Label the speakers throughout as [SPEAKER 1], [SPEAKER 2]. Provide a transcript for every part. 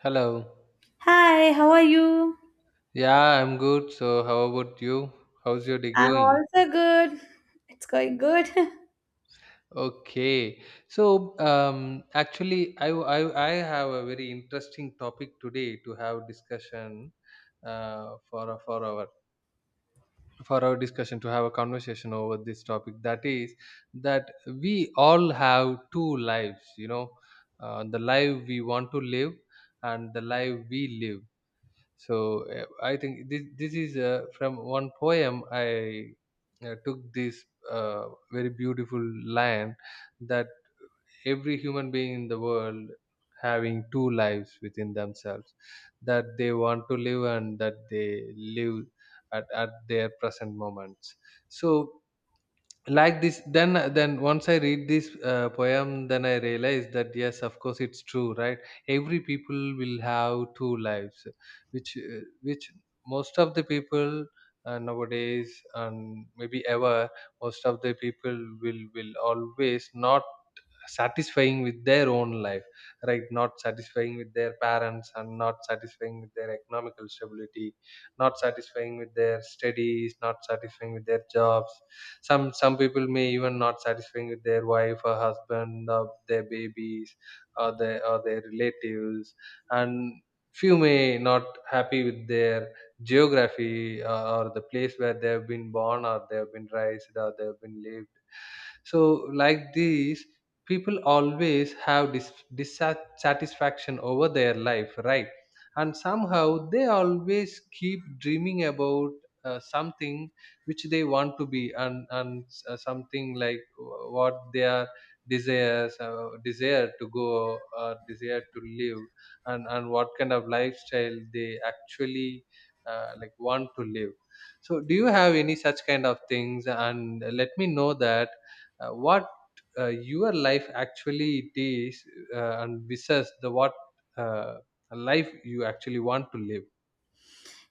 [SPEAKER 1] Hello.
[SPEAKER 2] Hi, how are you?
[SPEAKER 1] Yeah, I'm good. So, how about you? How's your day
[SPEAKER 2] I'm
[SPEAKER 1] going?
[SPEAKER 2] also good. It's going good.
[SPEAKER 1] Okay. So, actually, I, w- I, w- I have a very interesting topic today to have discussion for our discussion to have a conversation over this topic. That is that we all have two lives. You know, the life we want to live and the life we live. I think this is from one poem I took this uh, very beautiful line that every human being in the world having two lives within themselves that they want to live and that they live at their present moments. So like this then once I read this poem, then I realize that, yes, of course it's true, right? Every people will have two lives, which most of the people, nowadays and maybe ever, most of the people will always not satisfying with their own life, right? Not satisfying with their parents and not satisfying with their economical stability, not satisfying with their studies, not satisfying with their jobs. Some people may even not satisfying with their wife or husband, or their babies, or their relatives. And few may not happy with their geography, or the place where they have been born or they have been raised or they have been lived. So like these, people always have dissatisfaction over their life, right? And somehow they always keep dreaming about something which they want to be, and something like what their desire to go or desire to live, and what kind of lifestyle they actually, want to live. So do you have any such kind of things? And let me know that, what your life actually it is, and versus the what, uh, a life you actually want to live.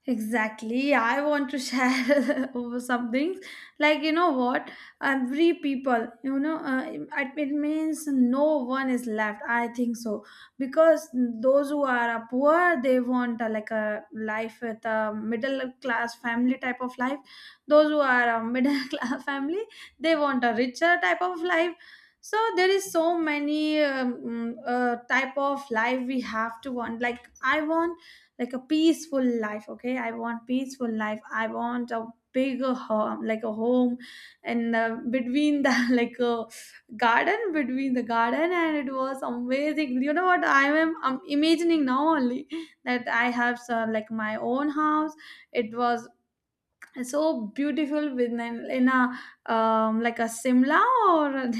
[SPEAKER 2] Exactly. I want to share over some things. Like, you know what? Every people, it means no one is left. I think so. Because those who are poor, they want like a life with a middle class family type of life. Those who are a middle class family, they want a richer type of life. So there is so many type of life we have to want. Like I want like a peaceful life. Okay, I want peaceful life, I want a bigger home, like a home, and between the like a garden, between the garden. And it was amazing, you know what, I'm imagining now only, that I have some, like, my own house. It was so beautiful with an, in a like a Simla, or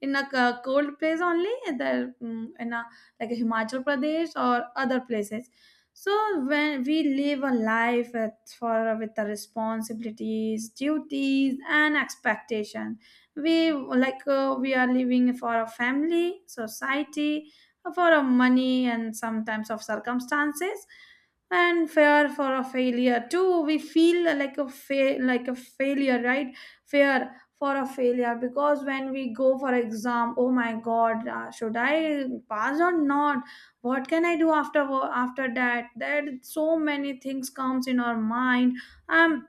[SPEAKER 2] in a cold place only there. In a, like a Himachal Pradesh or other places. So when we live a life with, for with the responsibilities, duties, and expectation, we like we are living for a family, society, for a money, and sometimes of circumstances and fear for a failure too. We feel like a like a failure, right? Fear for a failure, because when we go for exam, oh my god, should I pass or not? What can I do after after that? There so many things comes in our mind. um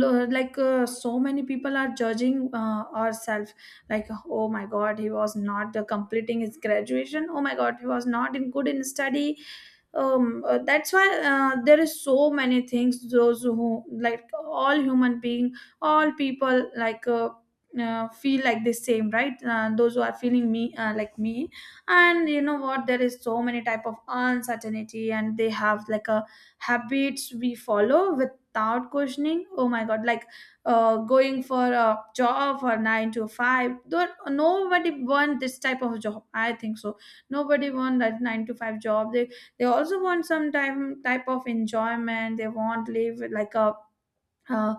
[SPEAKER 2] like so many people are judging ourselves. Like oh my god, he was not completing his graduation. Oh my god, he was not in good in study. That's why there is so many things. Those who like all human being, all people like feel like the same, right? Those who are feeling me like me. And you know what, there is so many type of uncertainty, and they have like a habits we follow without questioning. Oh my god, like going for a job for 9 to 5. There nobody want this type of job, I think so. Nobody want that 9 to 5 job. They also want some time type of enjoyment. They want live like a uh,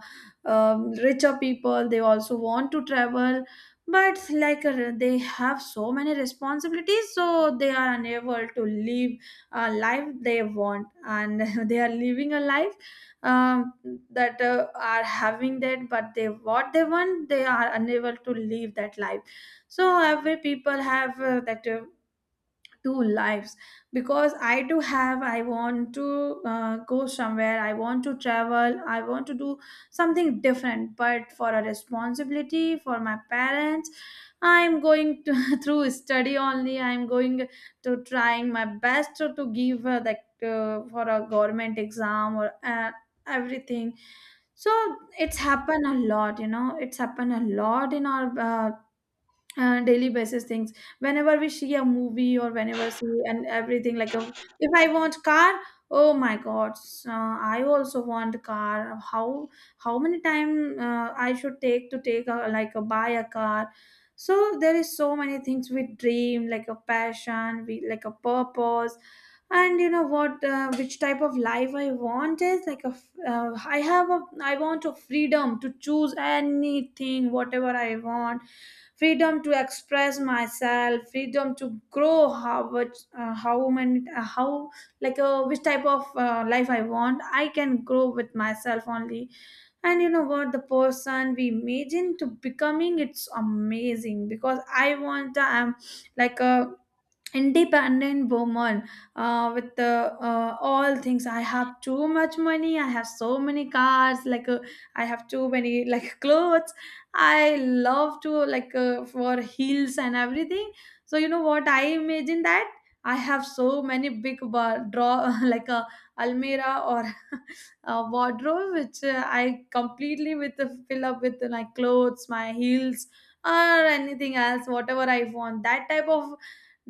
[SPEAKER 2] richer people. They also want to travel. But like they have so many responsibilities, so they are unable to live a life they want, and they are living a life um, that are having that. But they, what they want, they are unable to live that life. So every people have that two lives. Because I do have, I want to go somewhere, I want to travel, I want to do something different, but for a responsibility for my parents, I'm going to, through study only. I'm going to trying my best to give that for a government exam or everything. So it's happened a lot, you know it's happened a lot in our daily basis things. Whenever we see a movie or whenever see and everything, like a, if I want car, oh my god, I also want car. How many time I should take to take a, like a buy a car. So there is so many things we dream, like a passion, we like a purpose. And you know what, which type of life I want is like a I have a, I want a freedom to choose anything whatever I want. Freedom to express myself, freedom to grow. How much how many how, like which type of life I want, I can grow with myself only. And you know what, the person we imagine to becoming, it's amazing. Because I'm like a independent woman with the, all things. I have too much money, I have so many cars, like I have too many, like clothes. I love to, like for heels and everything. So you know what, I imagine that I have so many big draw, like a almira, or a wardrobe, which I completely with the fill up with my clothes, my heels, or anything else, whatever I want. That type of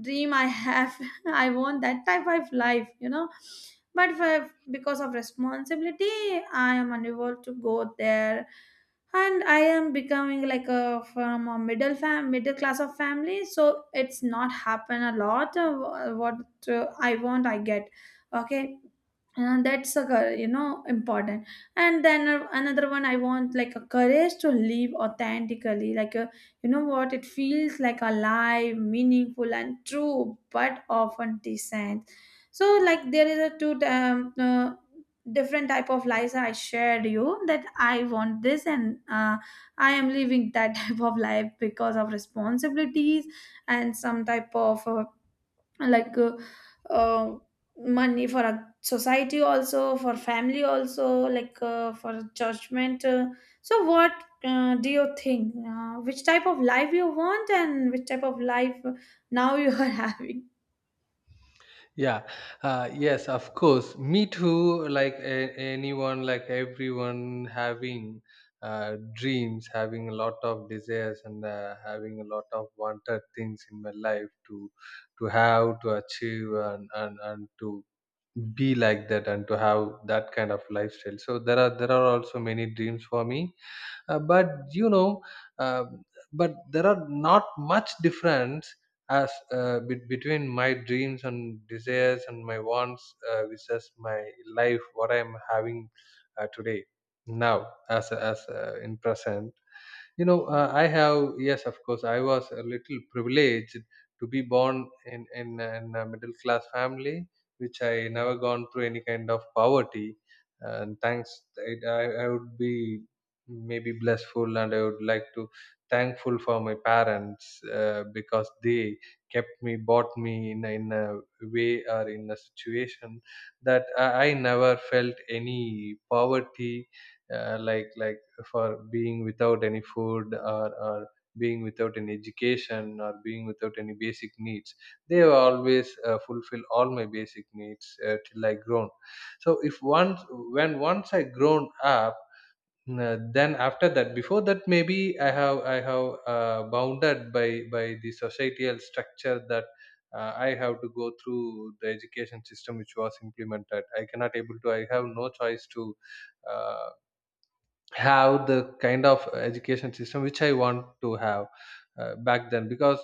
[SPEAKER 2] dream I have. I want that type of life, you know. But for, because of responsibility, I am unable to go there, and I am becoming like a from a middle class of family. So it's not happen a lot. What I want, I get. Okay, and that's a you know important. And then another one I want, like a courage to live authentically, like a. You know what? It feels like alive, meaningful, and true, but often decent. So, like, there is a two different type of lives I shared you, that I want this, and I am living that type of life because of responsibilities and some type of like uh, money for a society, also for family also, like for judgment. So what do you think, which type of life you want, and which type of life now you are having?
[SPEAKER 1] Yeah. Yes, of course, me too, like anyone, like everyone, having uh, dreams, having a lot of desires, and having a lot of wanted things in my life to have, to achieve, and to be like that, and to have that kind of lifestyle. So there are, there are also many dreams for me. But you know, uh, but there are not much difference as between my dreams and desires and my wants versus my life, what I am having today, now, as a- as in present. You know, I have, yes of course, I was a little privileged to be born in in a middle class family, which I never gone through any kind of poverty. And thanks, I would be maybe blessful, and I would like to thankful for my parents because they kept me, bought me in a way or in a situation that I never felt any poverty, like for being without any food, or being without any education, or being without any basic needs. They have always fulfill all my basic needs till I grown. So if once, when once I grown up, then after that, before that, maybe I have bounded by the societal structure that, I have to go through the education system which was implemented. I cannot able to, I have no choice to uh, have the kind of education system which I want to have back then, because,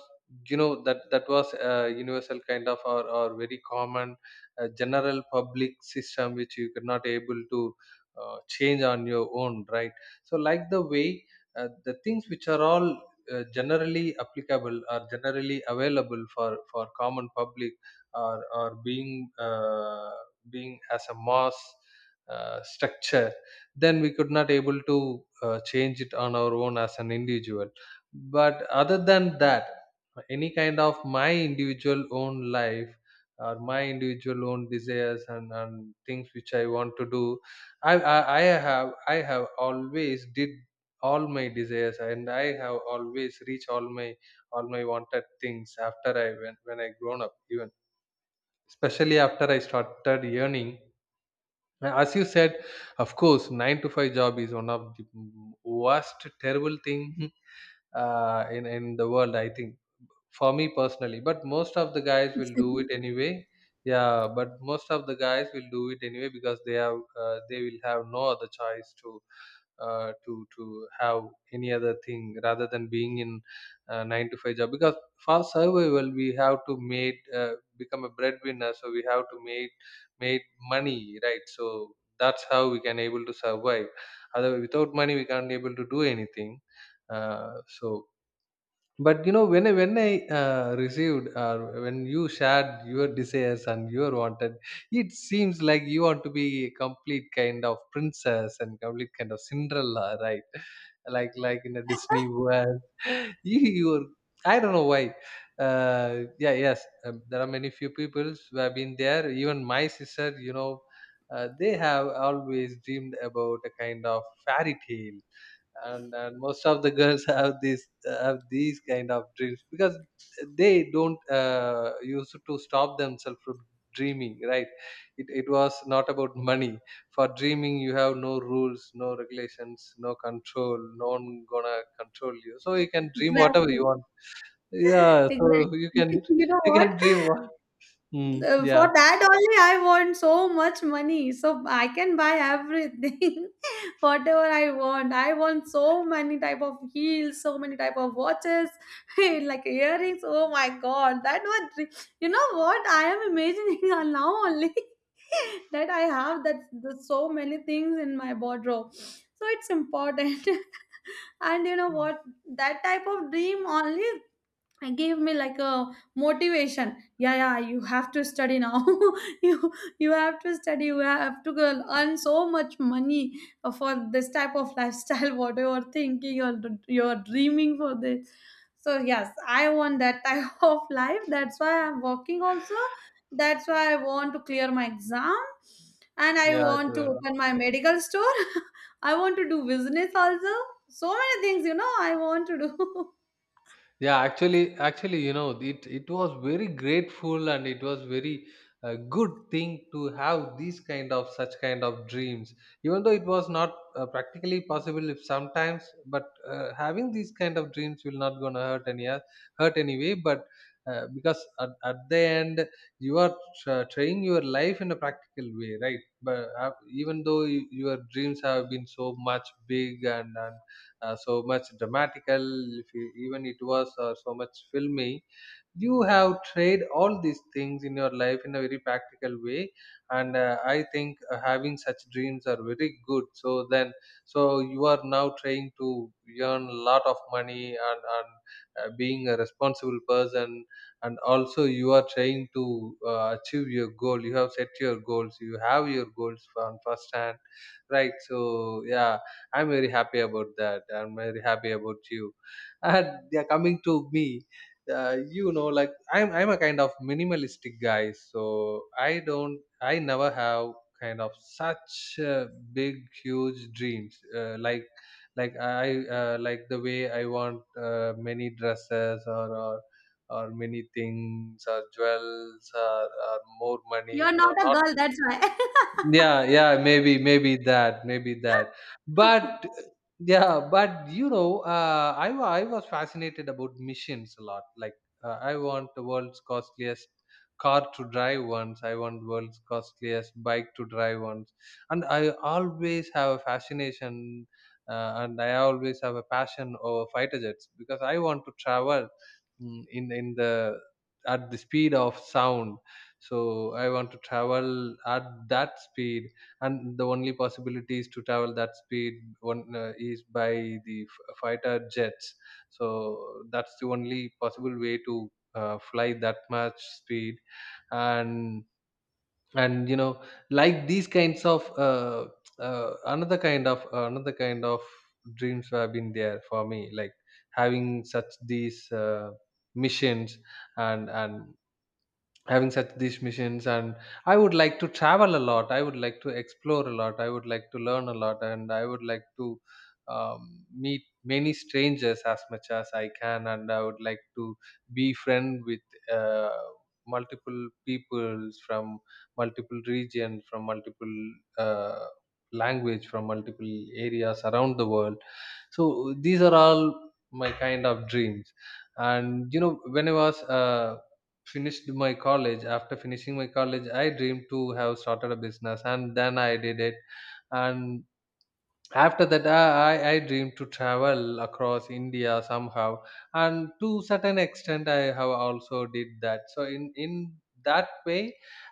[SPEAKER 1] you know, that was a universal kind of, or very common, general public system which you could not able to change on your own, right? So like the way, the things which are all generally applicable, are generally available for common public, or being being as a mass structure, then we could not able to change it on our own as an individual. But other than that, any kind of my individual own life, or my individual own desires, and things which I want to do, I have, I have always did all my desires, and I have always reached all my, all my wanted things after I, when I grown up, even especially after I started earning. Now, as you said, of course 9 to 5 job is one of the worst terrible thing in the world, I think, for me personally, but most of the guys will do
[SPEAKER 2] Exactly.
[SPEAKER 1] it anyway. Yeah, but most of the guys will do it anyway because they have, they will have no other choice to to have any other thing rather than being in nine to five job, because for survival we have to make, become a breadwinner, so we have to make money, right? So that's how we can able to survive. Otherwise, without money, we can't able to do anything. So but you know, when I received or when you shared your desires and your wanted, it seems like you want to be a complete kind of princess and complete kind of Cinderella, right? Like in a Disney world, you you're, I don't know why. Yeah, yes, there are many few people who have been there. Even my sister, you know, they have always dreamed about a kind of fairy tale, and most of the girls have this have these kind of dreams because they don't used to stop themselves from dreaming, right? It it was not about money. For dreaming, you have no rules, no regulations, no control, no one gonna control you, so you can dream whatever you
[SPEAKER 2] Exactly.
[SPEAKER 1] want. Yeah, so
[SPEAKER 2] Exactly,
[SPEAKER 1] you can,
[SPEAKER 2] you know
[SPEAKER 1] you
[SPEAKER 2] what,
[SPEAKER 1] can dream what. Yeah.
[SPEAKER 2] For that only, I want so much money, so I can buy everything, whatever I want. I want so many type of heels, so many type of watches, like earrings. Oh my god, that was, you know what I am imagining, now only, that I have that the, so many things in my wardrobe. So it's important, and you know what, that type of dream only and gave me like a motivation. Yeah, yeah, you have to study now. you you have to study, you have to go earn so much money for this type of lifestyle, whatever thinking or you're dreaming for this. So yes, I want that type of life, that's why I'm working also. That's why I want to clear my exam, and I
[SPEAKER 1] Yeah.
[SPEAKER 2] want to open my medical store. I want to do business also. So many things, you know, I want to do.
[SPEAKER 1] Yeah, actually, you know, it was very grateful, and it was very good thing to have these kind of, such kind of dreams. Even though it was not practically possible if sometimes, but having these kind of dreams will not gonna hurt any, hurt anyway. But because at the end, you are trying your life in a practical way, right? But even though you, your dreams have been so much big, and so much dramatical, if you, even it was so much filmy. You have tried all these things in your life in a very practical way, and I think, having such dreams are very good. So then, so you are now trying to earn a lot of money, and being a responsible person, and also you are trying to achieve your goal. You have set your goals. You have your goals from first hand, right? So yeah, I'm very happy about that. I'm very happy about you. And they're coming to me. You know, like I'm a kind of minimalistic guy, so I never have kind of such big, huge dreams, like the way I want, many dresses, or many things, or jewels, or more money.
[SPEAKER 2] You're
[SPEAKER 1] No,
[SPEAKER 2] not a
[SPEAKER 1] not.
[SPEAKER 2] girl, that's why.
[SPEAKER 1] Yeah. Yeah, maybe, maybe that. But yeah, but you know, I was fascinated about missions a lot, like, I want the world's costliest car to drive once, I want world's costliest bike to drive once. And I always have a fascination, and I always have a passion over fighter jets, because I want to travel, in the, at the speed of sound. So I want to travel at that speed, and the only possibilities to travel that speed, one is by the fighter jets. So that's the only possible way to fly that much speed. and and you know, like these kinds of, another kind of dreams have been there for me, like having such these missions, and having such these missions, and I would like to travel a lot, I would like to explore a lot, I would like to learn a lot, and I would like to, meet many strangers as much as I can, and I would like to be friend with uh, multiple peoples from multiple regions, from multiple uh, language, from multiple areas around the world. So these are all my kind of dreams. And you know, when I was finished my college, after finishing my college, I dreamed to have started a business, and then I did it. And after that, I dream to travel across India somehow, and to certain extent I have also did that. So in that way,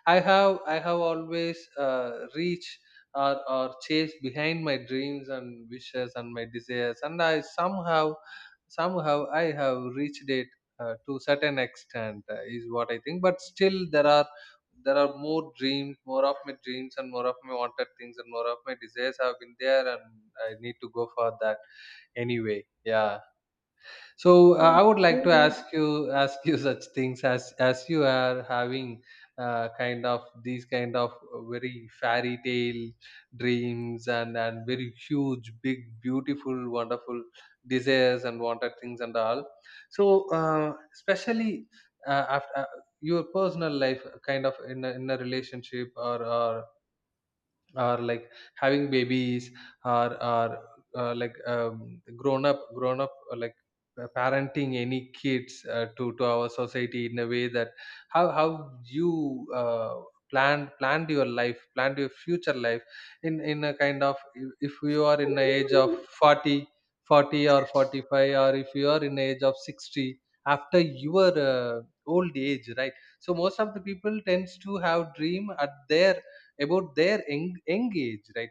[SPEAKER 1] I have always reached, or chased behind my dreams and wishes and my desires, and I somehow, somehow I have reached it, to certain extent is what I think. But still there are more dreams, more of my dreams, and more of my wanted things and more of my desires have been there, and I need to go for that anyway. Yeah. I would like to
[SPEAKER 2] Okay.
[SPEAKER 1] ask you ask you such things, as you are having kind of these kind of very fairy tale dreams and very huge, big, beautiful, wonderful desires and wanted things and all. So especially after. Your personal life, kind of in a relationship, or like having babies, or like grown up like parenting any kids to our society, in a way that how you planned planned your life, planned your future life in a kind of. If you are in the age of 40, 40 or 45, or if you are in the age of 60, after your old age, right? So most of the people tends to have dream at their, about their young, young age, right?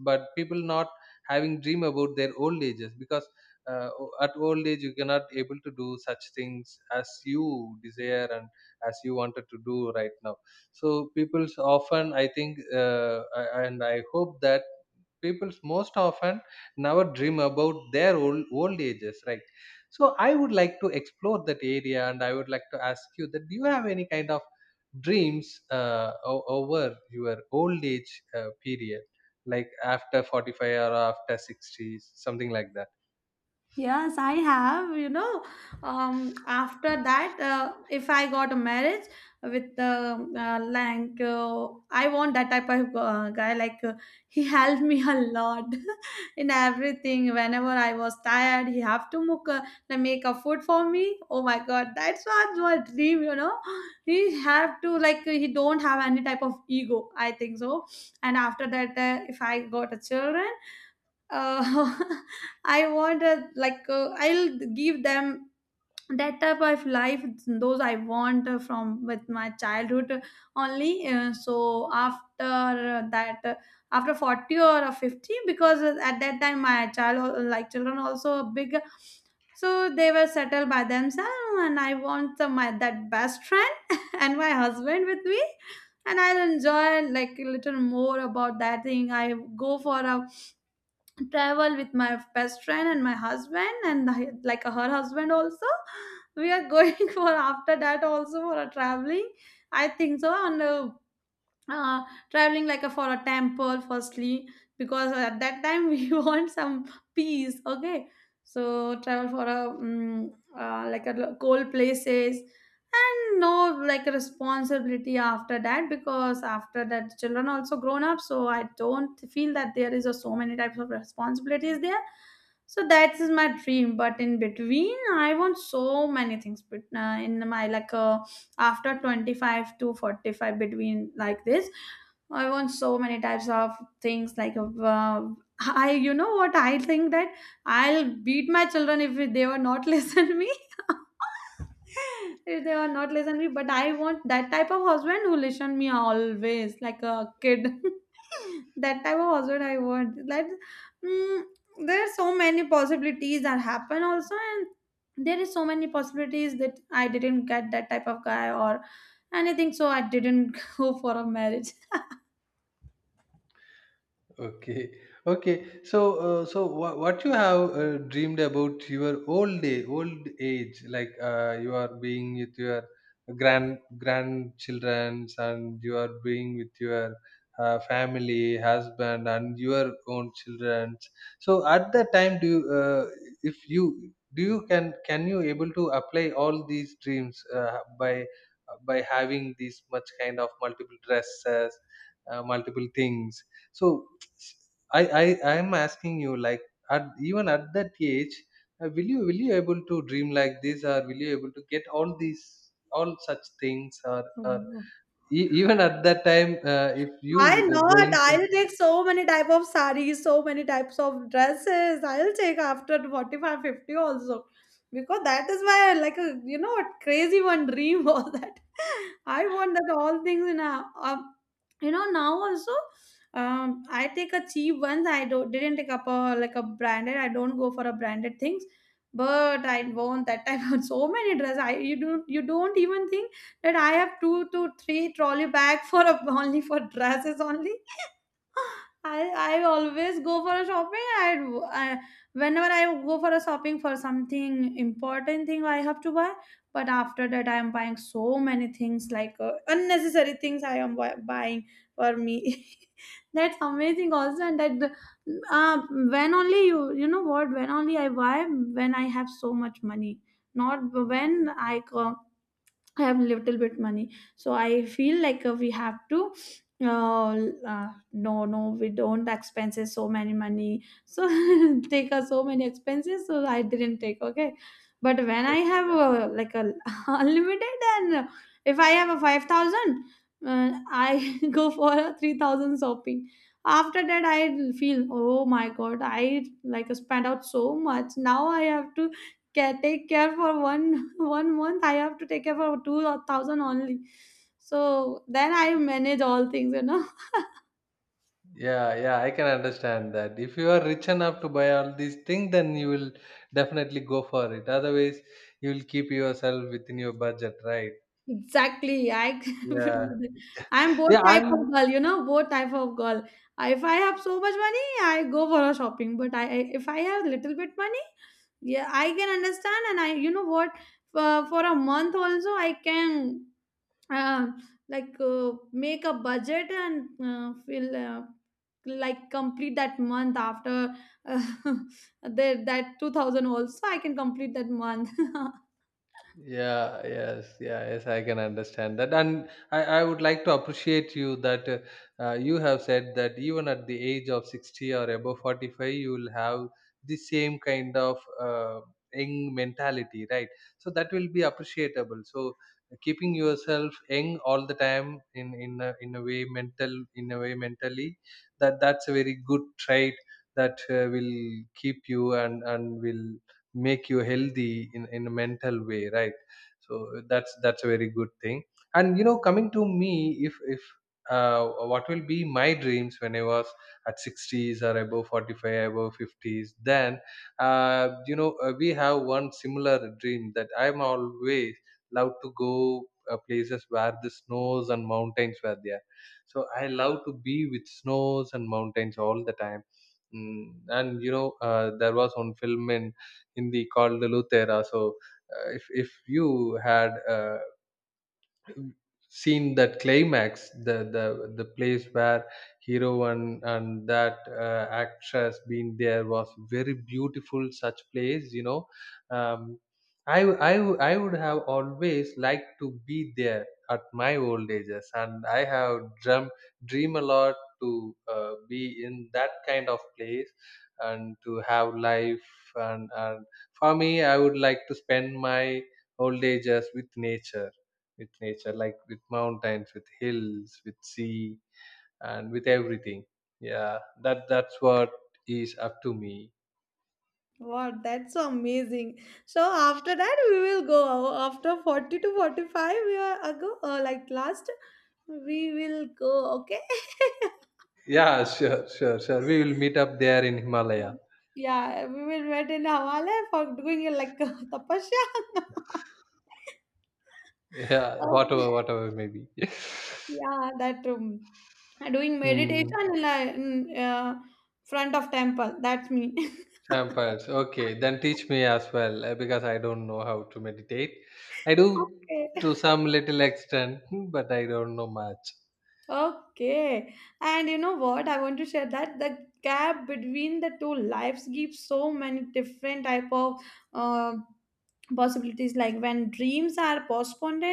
[SPEAKER 1] But people not having dream about their old ages, because at old age you cannot able to do such things as you desire and as you wanted to do right now. So people's often, I think, and I hope that people most often never dream about their old, old ages, right? So I would like to explore that area, and I would like to ask you that, do you have any kind of dreams over your old age period, like after 45 or after 60s, something like that?
[SPEAKER 2] Yes, I have. You know, after that, if I got a marriage with like I want that type of guy. Like he helped me a lot in everything. Whenever I was tired, he have to make a, like, make a food for me. Oh my God, that's what my dream. You know, he have to like he don't have any type of ego. I think so. And after that, if I got a children, uh, I want a like I'll give them that type of life those I want from with my childhood only. So after that, after 40 or 50, because at that time my child like children also big. So they were settled by themselves, and I want the, my that best friend and my husband with me, and I'll enjoy like a little more about that thing. I go for a travel with my best friend and my husband, and like her husband also, we are going for after that also for a traveling, I think so. And uh, traveling like a, for a temple firstly, because at that time we want some peace, okay. So travel for a like a cold places, and no like a responsibility after that, because after that children also grown up. So I don't feel that there is a, so many types of responsibilities there. So that is my dream. But in between I want so many things, but in my, like a, after 25 to 45 between like this, I want so many types of things, like I, you know what, I think that I'll beat my children if they were not listen me, if they were not listen me. But I want that type of husband who listen me always, like a kid. That type of husband I want. Like mm, there are so many possibilities that happen also. There is so many possibilities that I didn't get that type of guy or anything, so I didn't go for a marriage.
[SPEAKER 1] Okay, okay. So, so what you have dreamed about your old day, old age, like you are being with your grandchildren, and you are being with your family, husband, and your own children. So, at that time, do you, if you do, you can you able to apply all these dreams by having these much kind of multiple dresses, multiple things. So I, I I'm asking you, like, at even at that age, will you able to dream like this, or will you able to get all these, all such things, or
[SPEAKER 2] Oh.
[SPEAKER 1] e- even at that time, if you
[SPEAKER 2] Why not?
[SPEAKER 1] going to,
[SPEAKER 2] I'll take so many type of sarees, so many types of dresses. I'll take after 45, 50 also. Because that is my, like a, you know what, crazy one dream was that, I want that all things in a, you know, now also. I take a cheap ones. I don't didn't take up a like a branded. I don't go for a branded things, but I want that type of so many dresses. I you don't even think that I have two to three trolley bag for a, only for dresses only. I I always go for a shopping. I whenever I go for a shopping for something important thing I have to buy. But after that, I am buying so many things like unnecessary things. I am buying for me. That's amazing also, and uh, when only you you know what when only I buy when I have so much money. Not when I have little bit money, so I feel like we have to. No, no, we don't expenses so many money. So take us so many expenses. So I didn't take. Okay, but when I
[SPEAKER 1] okay,
[SPEAKER 2] have like a unlimited and if I have a 5,000, I go for a 3,000 shopping. After that, I feel oh my god, I like spent out so much. Now I have to care take care for one one month I have to take care for two or thousand only, so then I manage all things, you know.
[SPEAKER 1] yeah, yeah, I can understand that. If you are rich enough to buy all these things, then you will definitely go for it. Otherwise, you will keep yourself within your budget, right?
[SPEAKER 2] Exactly, I
[SPEAKER 1] Yeah
[SPEAKER 2] I'm both
[SPEAKER 1] yeah
[SPEAKER 2] type
[SPEAKER 1] i'm
[SPEAKER 2] of girl, you know, both type of girl. If I have so much money I go for a shopping, but if I have little bit money. Yeah, I can understand, and I you know what, for a month also I can uh, like make a budget and feel like complete that month after uh, that 2000 also I can complete that month.
[SPEAKER 1] yeah, yes, yeah, yes, I can understand that. And I would like to appreciate you that, you have said that even at the age of 60 or above 45, you will have the same kind of young mentality, right? So that will be appreciable. So keeping yourself young all the time, in a way mentally, that that's a very good trait that will keep you, and will make you healthy in a mental way, right? So that's a very good thing. And you know, coming to me, if what will be my dreams when I was at 60s or above 45, above 50s, then you know, we have one similar dream, that I'm always love to go places where the snows and mountains were there. So I love to be with snows and mountains all the time. Mm, and you know, there was one film in Hindi called the Lutera. So if you had seen that climax, the place where hero and that actress being there, was very beautiful such place, you know. um I would have always liked to be there at my old ages, and I have dream a lot to be in that kind of place, and to have life, and for me I would like to spend my old ages with nature, with nature, like with mountains, with hills, with sea, and with everything. Yeah, that that's what is up to me.
[SPEAKER 2] Wow, that's so amazing. So after that we will go out. After 40 to 45 we are ago like last we will go. Okay.
[SPEAKER 1] Yeah, sure, sure, sure. We will meet up there in
[SPEAKER 2] Yeah.
[SPEAKER 1] Himalaya.
[SPEAKER 2] Yeah, we will wait in hawala for doing it like tapasya.
[SPEAKER 1] Yeah,
[SPEAKER 2] Okay.
[SPEAKER 1] whatever, whatever, maybe.
[SPEAKER 2] Yeah, that doing
[SPEAKER 1] Hmm.
[SPEAKER 2] meditation in front of temple. That's me.
[SPEAKER 1] Samples. Okay, then teach me as well, because I don't know how to meditate. I do
[SPEAKER 2] Okay.
[SPEAKER 1] to some little extent, but I don't know much.
[SPEAKER 2] Okay. And you know what? I want to share that the gap between the two lives gives so many different type of uh, possibilities. Like when dreams are postponed,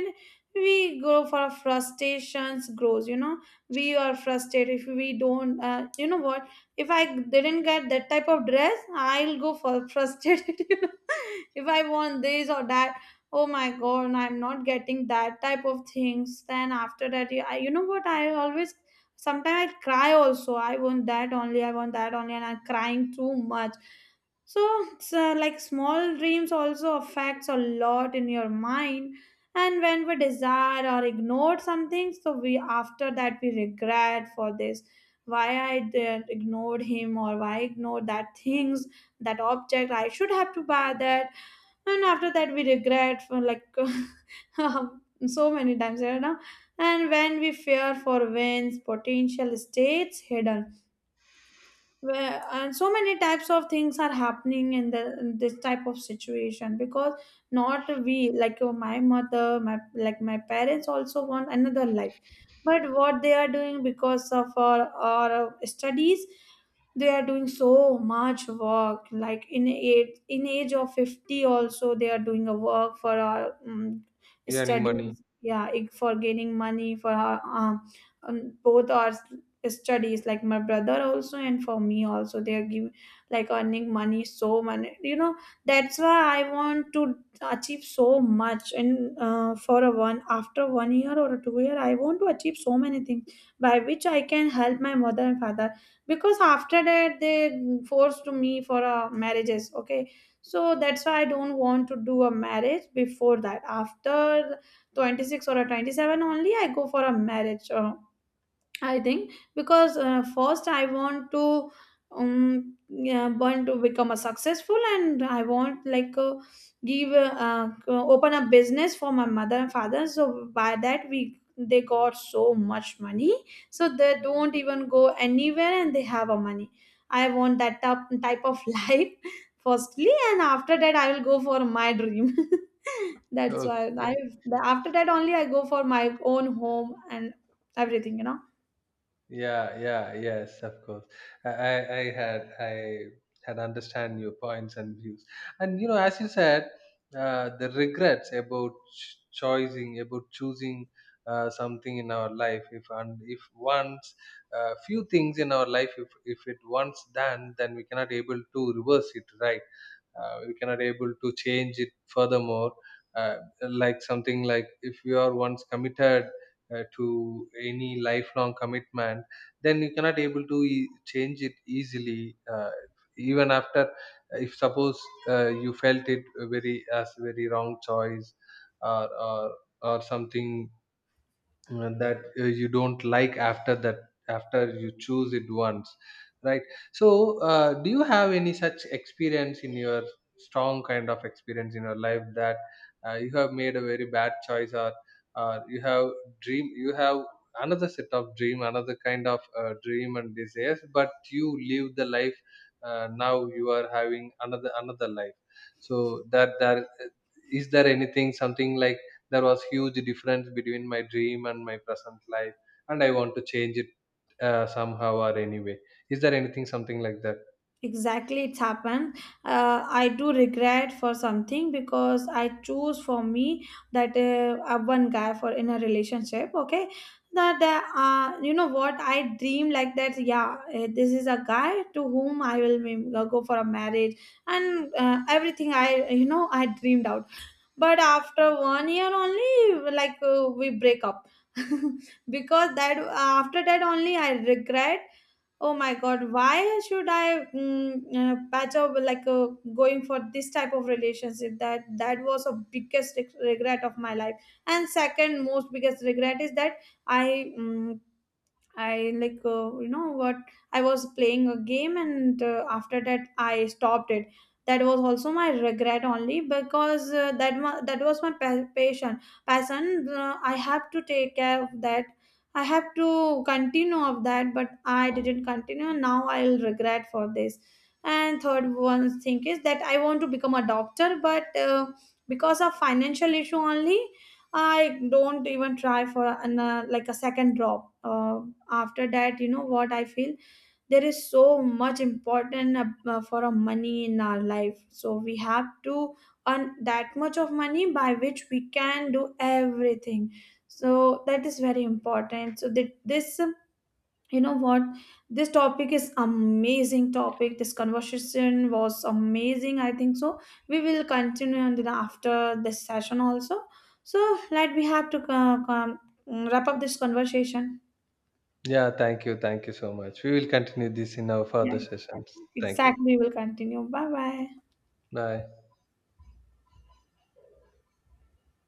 [SPEAKER 2] we go for frustrations grows. You know, we are frustrated if we don't. You know what? If I didn't get that type of dress, I'll go for frustrated. You know, if I want this or that, oh my god, I'm not getting that type of things. Then after that, I you know what I always, sometimes I cry also. I want that only, I want that only, and I'm crying too much. So it's, like small dreams also affects a lot in your mind. And when we desire or ignore something, so we after that we regret for this. Why I did ignored him, or why I ignored that things, that object I should have to buy that. And after that we regret for like, um, so many times, you know. And when we fear for wins potential states hidden, where and so many types of things are happening in this type of situation. Because not we like, my mother my like my parents also want another life. But what they are doing because of our studies, they are doing so much work, like in age of 50 also they are doing a work for our
[SPEAKER 1] Earning money.
[SPEAKER 2] studies. Yeah, for gaining money for our both our studies, like my brother also and for me also, they are giving, like earning money so many, you know. That's why I want to achieve so much, and for a one after one year or 2 year I want to achieve so many things by which I can help my mother and father. Because after that they forced me for marriages, okay. So that's why I don't want to do a marriage before that. After 26 or a 27 only I go for a marriage, I think, because first I want to become a successful, and I want like give open a business for my mother and father, so by that we they got so much money. So they don't even go anywhere and they have a money. I want that type of life firstly, and after that I will go for my dream. that's why I
[SPEAKER 1] Okay.
[SPEAKER 2] After that only I go for my own home and everything, you know.
[SPEAKER 1] Yeah, yeah, yes, of course. I had understand your points and views, and you know, as you said, the regrets about choosing, about choosing something in our life. If, and if once, few things in our life, if it once done, then we cannot able to reverse it, right? We cannot able to change it furthermore, uh, like something like, if you are once committed to any lifelong commitment, then you cannot able to change it easily, even after, if suppose, you felt it very, as very wrong choice, or or, or something, that you don't like after that, after you choose it once, right? So do you have any such experience in your, strong kind of experience in your life, that you have made a very bad choice, or you have dream, you have another set of dream, another kind of dream and desires, but you live the life, now you are having another life, so that that is there anything something like, there was huge difference between my dream and my present life, and I want to change it, somehow or anyway, is there anything something like that?
[SPEAKER 2] Exactly, it's happened. I do regret for something because I choose for me that one guy for in a relationship, okay. That, you know what, I dream like that. Yeah, this is a guy to whom I will go for a marriage, and everything I you know I dreamed out. But after one year only, like we break up. Because that, after that only I regret oh my god, why should I patch up, like, going for this type of relationship. That was a biggest regret of my life. And second most biggest regret is that i mm, I like, you know what, I was playing a game, and after that I stopped it. That was also my regret only, because that was my passion. Passion. I have to take care of that. I have to continue of that, but I didn't continue. Now I'll regret for this. And third one thing is that I want to become a doctor, but because of financial issue only, I don't even try for an like a second drop. After that, you know what I feel? There is so much important for a money in our life. So we have to earn that much of money by which we can do everything. So that is very important. So that this, you know what, this topic is amazing topic, this conversation was amazing, I think so. We will continue and then after this session also. So like we have to wrap up this conversation.
[SPEAKER 1] Yeah, thank you so much, we will continue this in our
[SPEAKER 2] Yeah,
[SPEAKER 1] further sessions.
[SPEAKER 2] exactly
[SPEAKER 1] Thank you.
[SPEAKER 2] Exactly, we will continue. Bye bye.
[SPEAKER 1] Bye.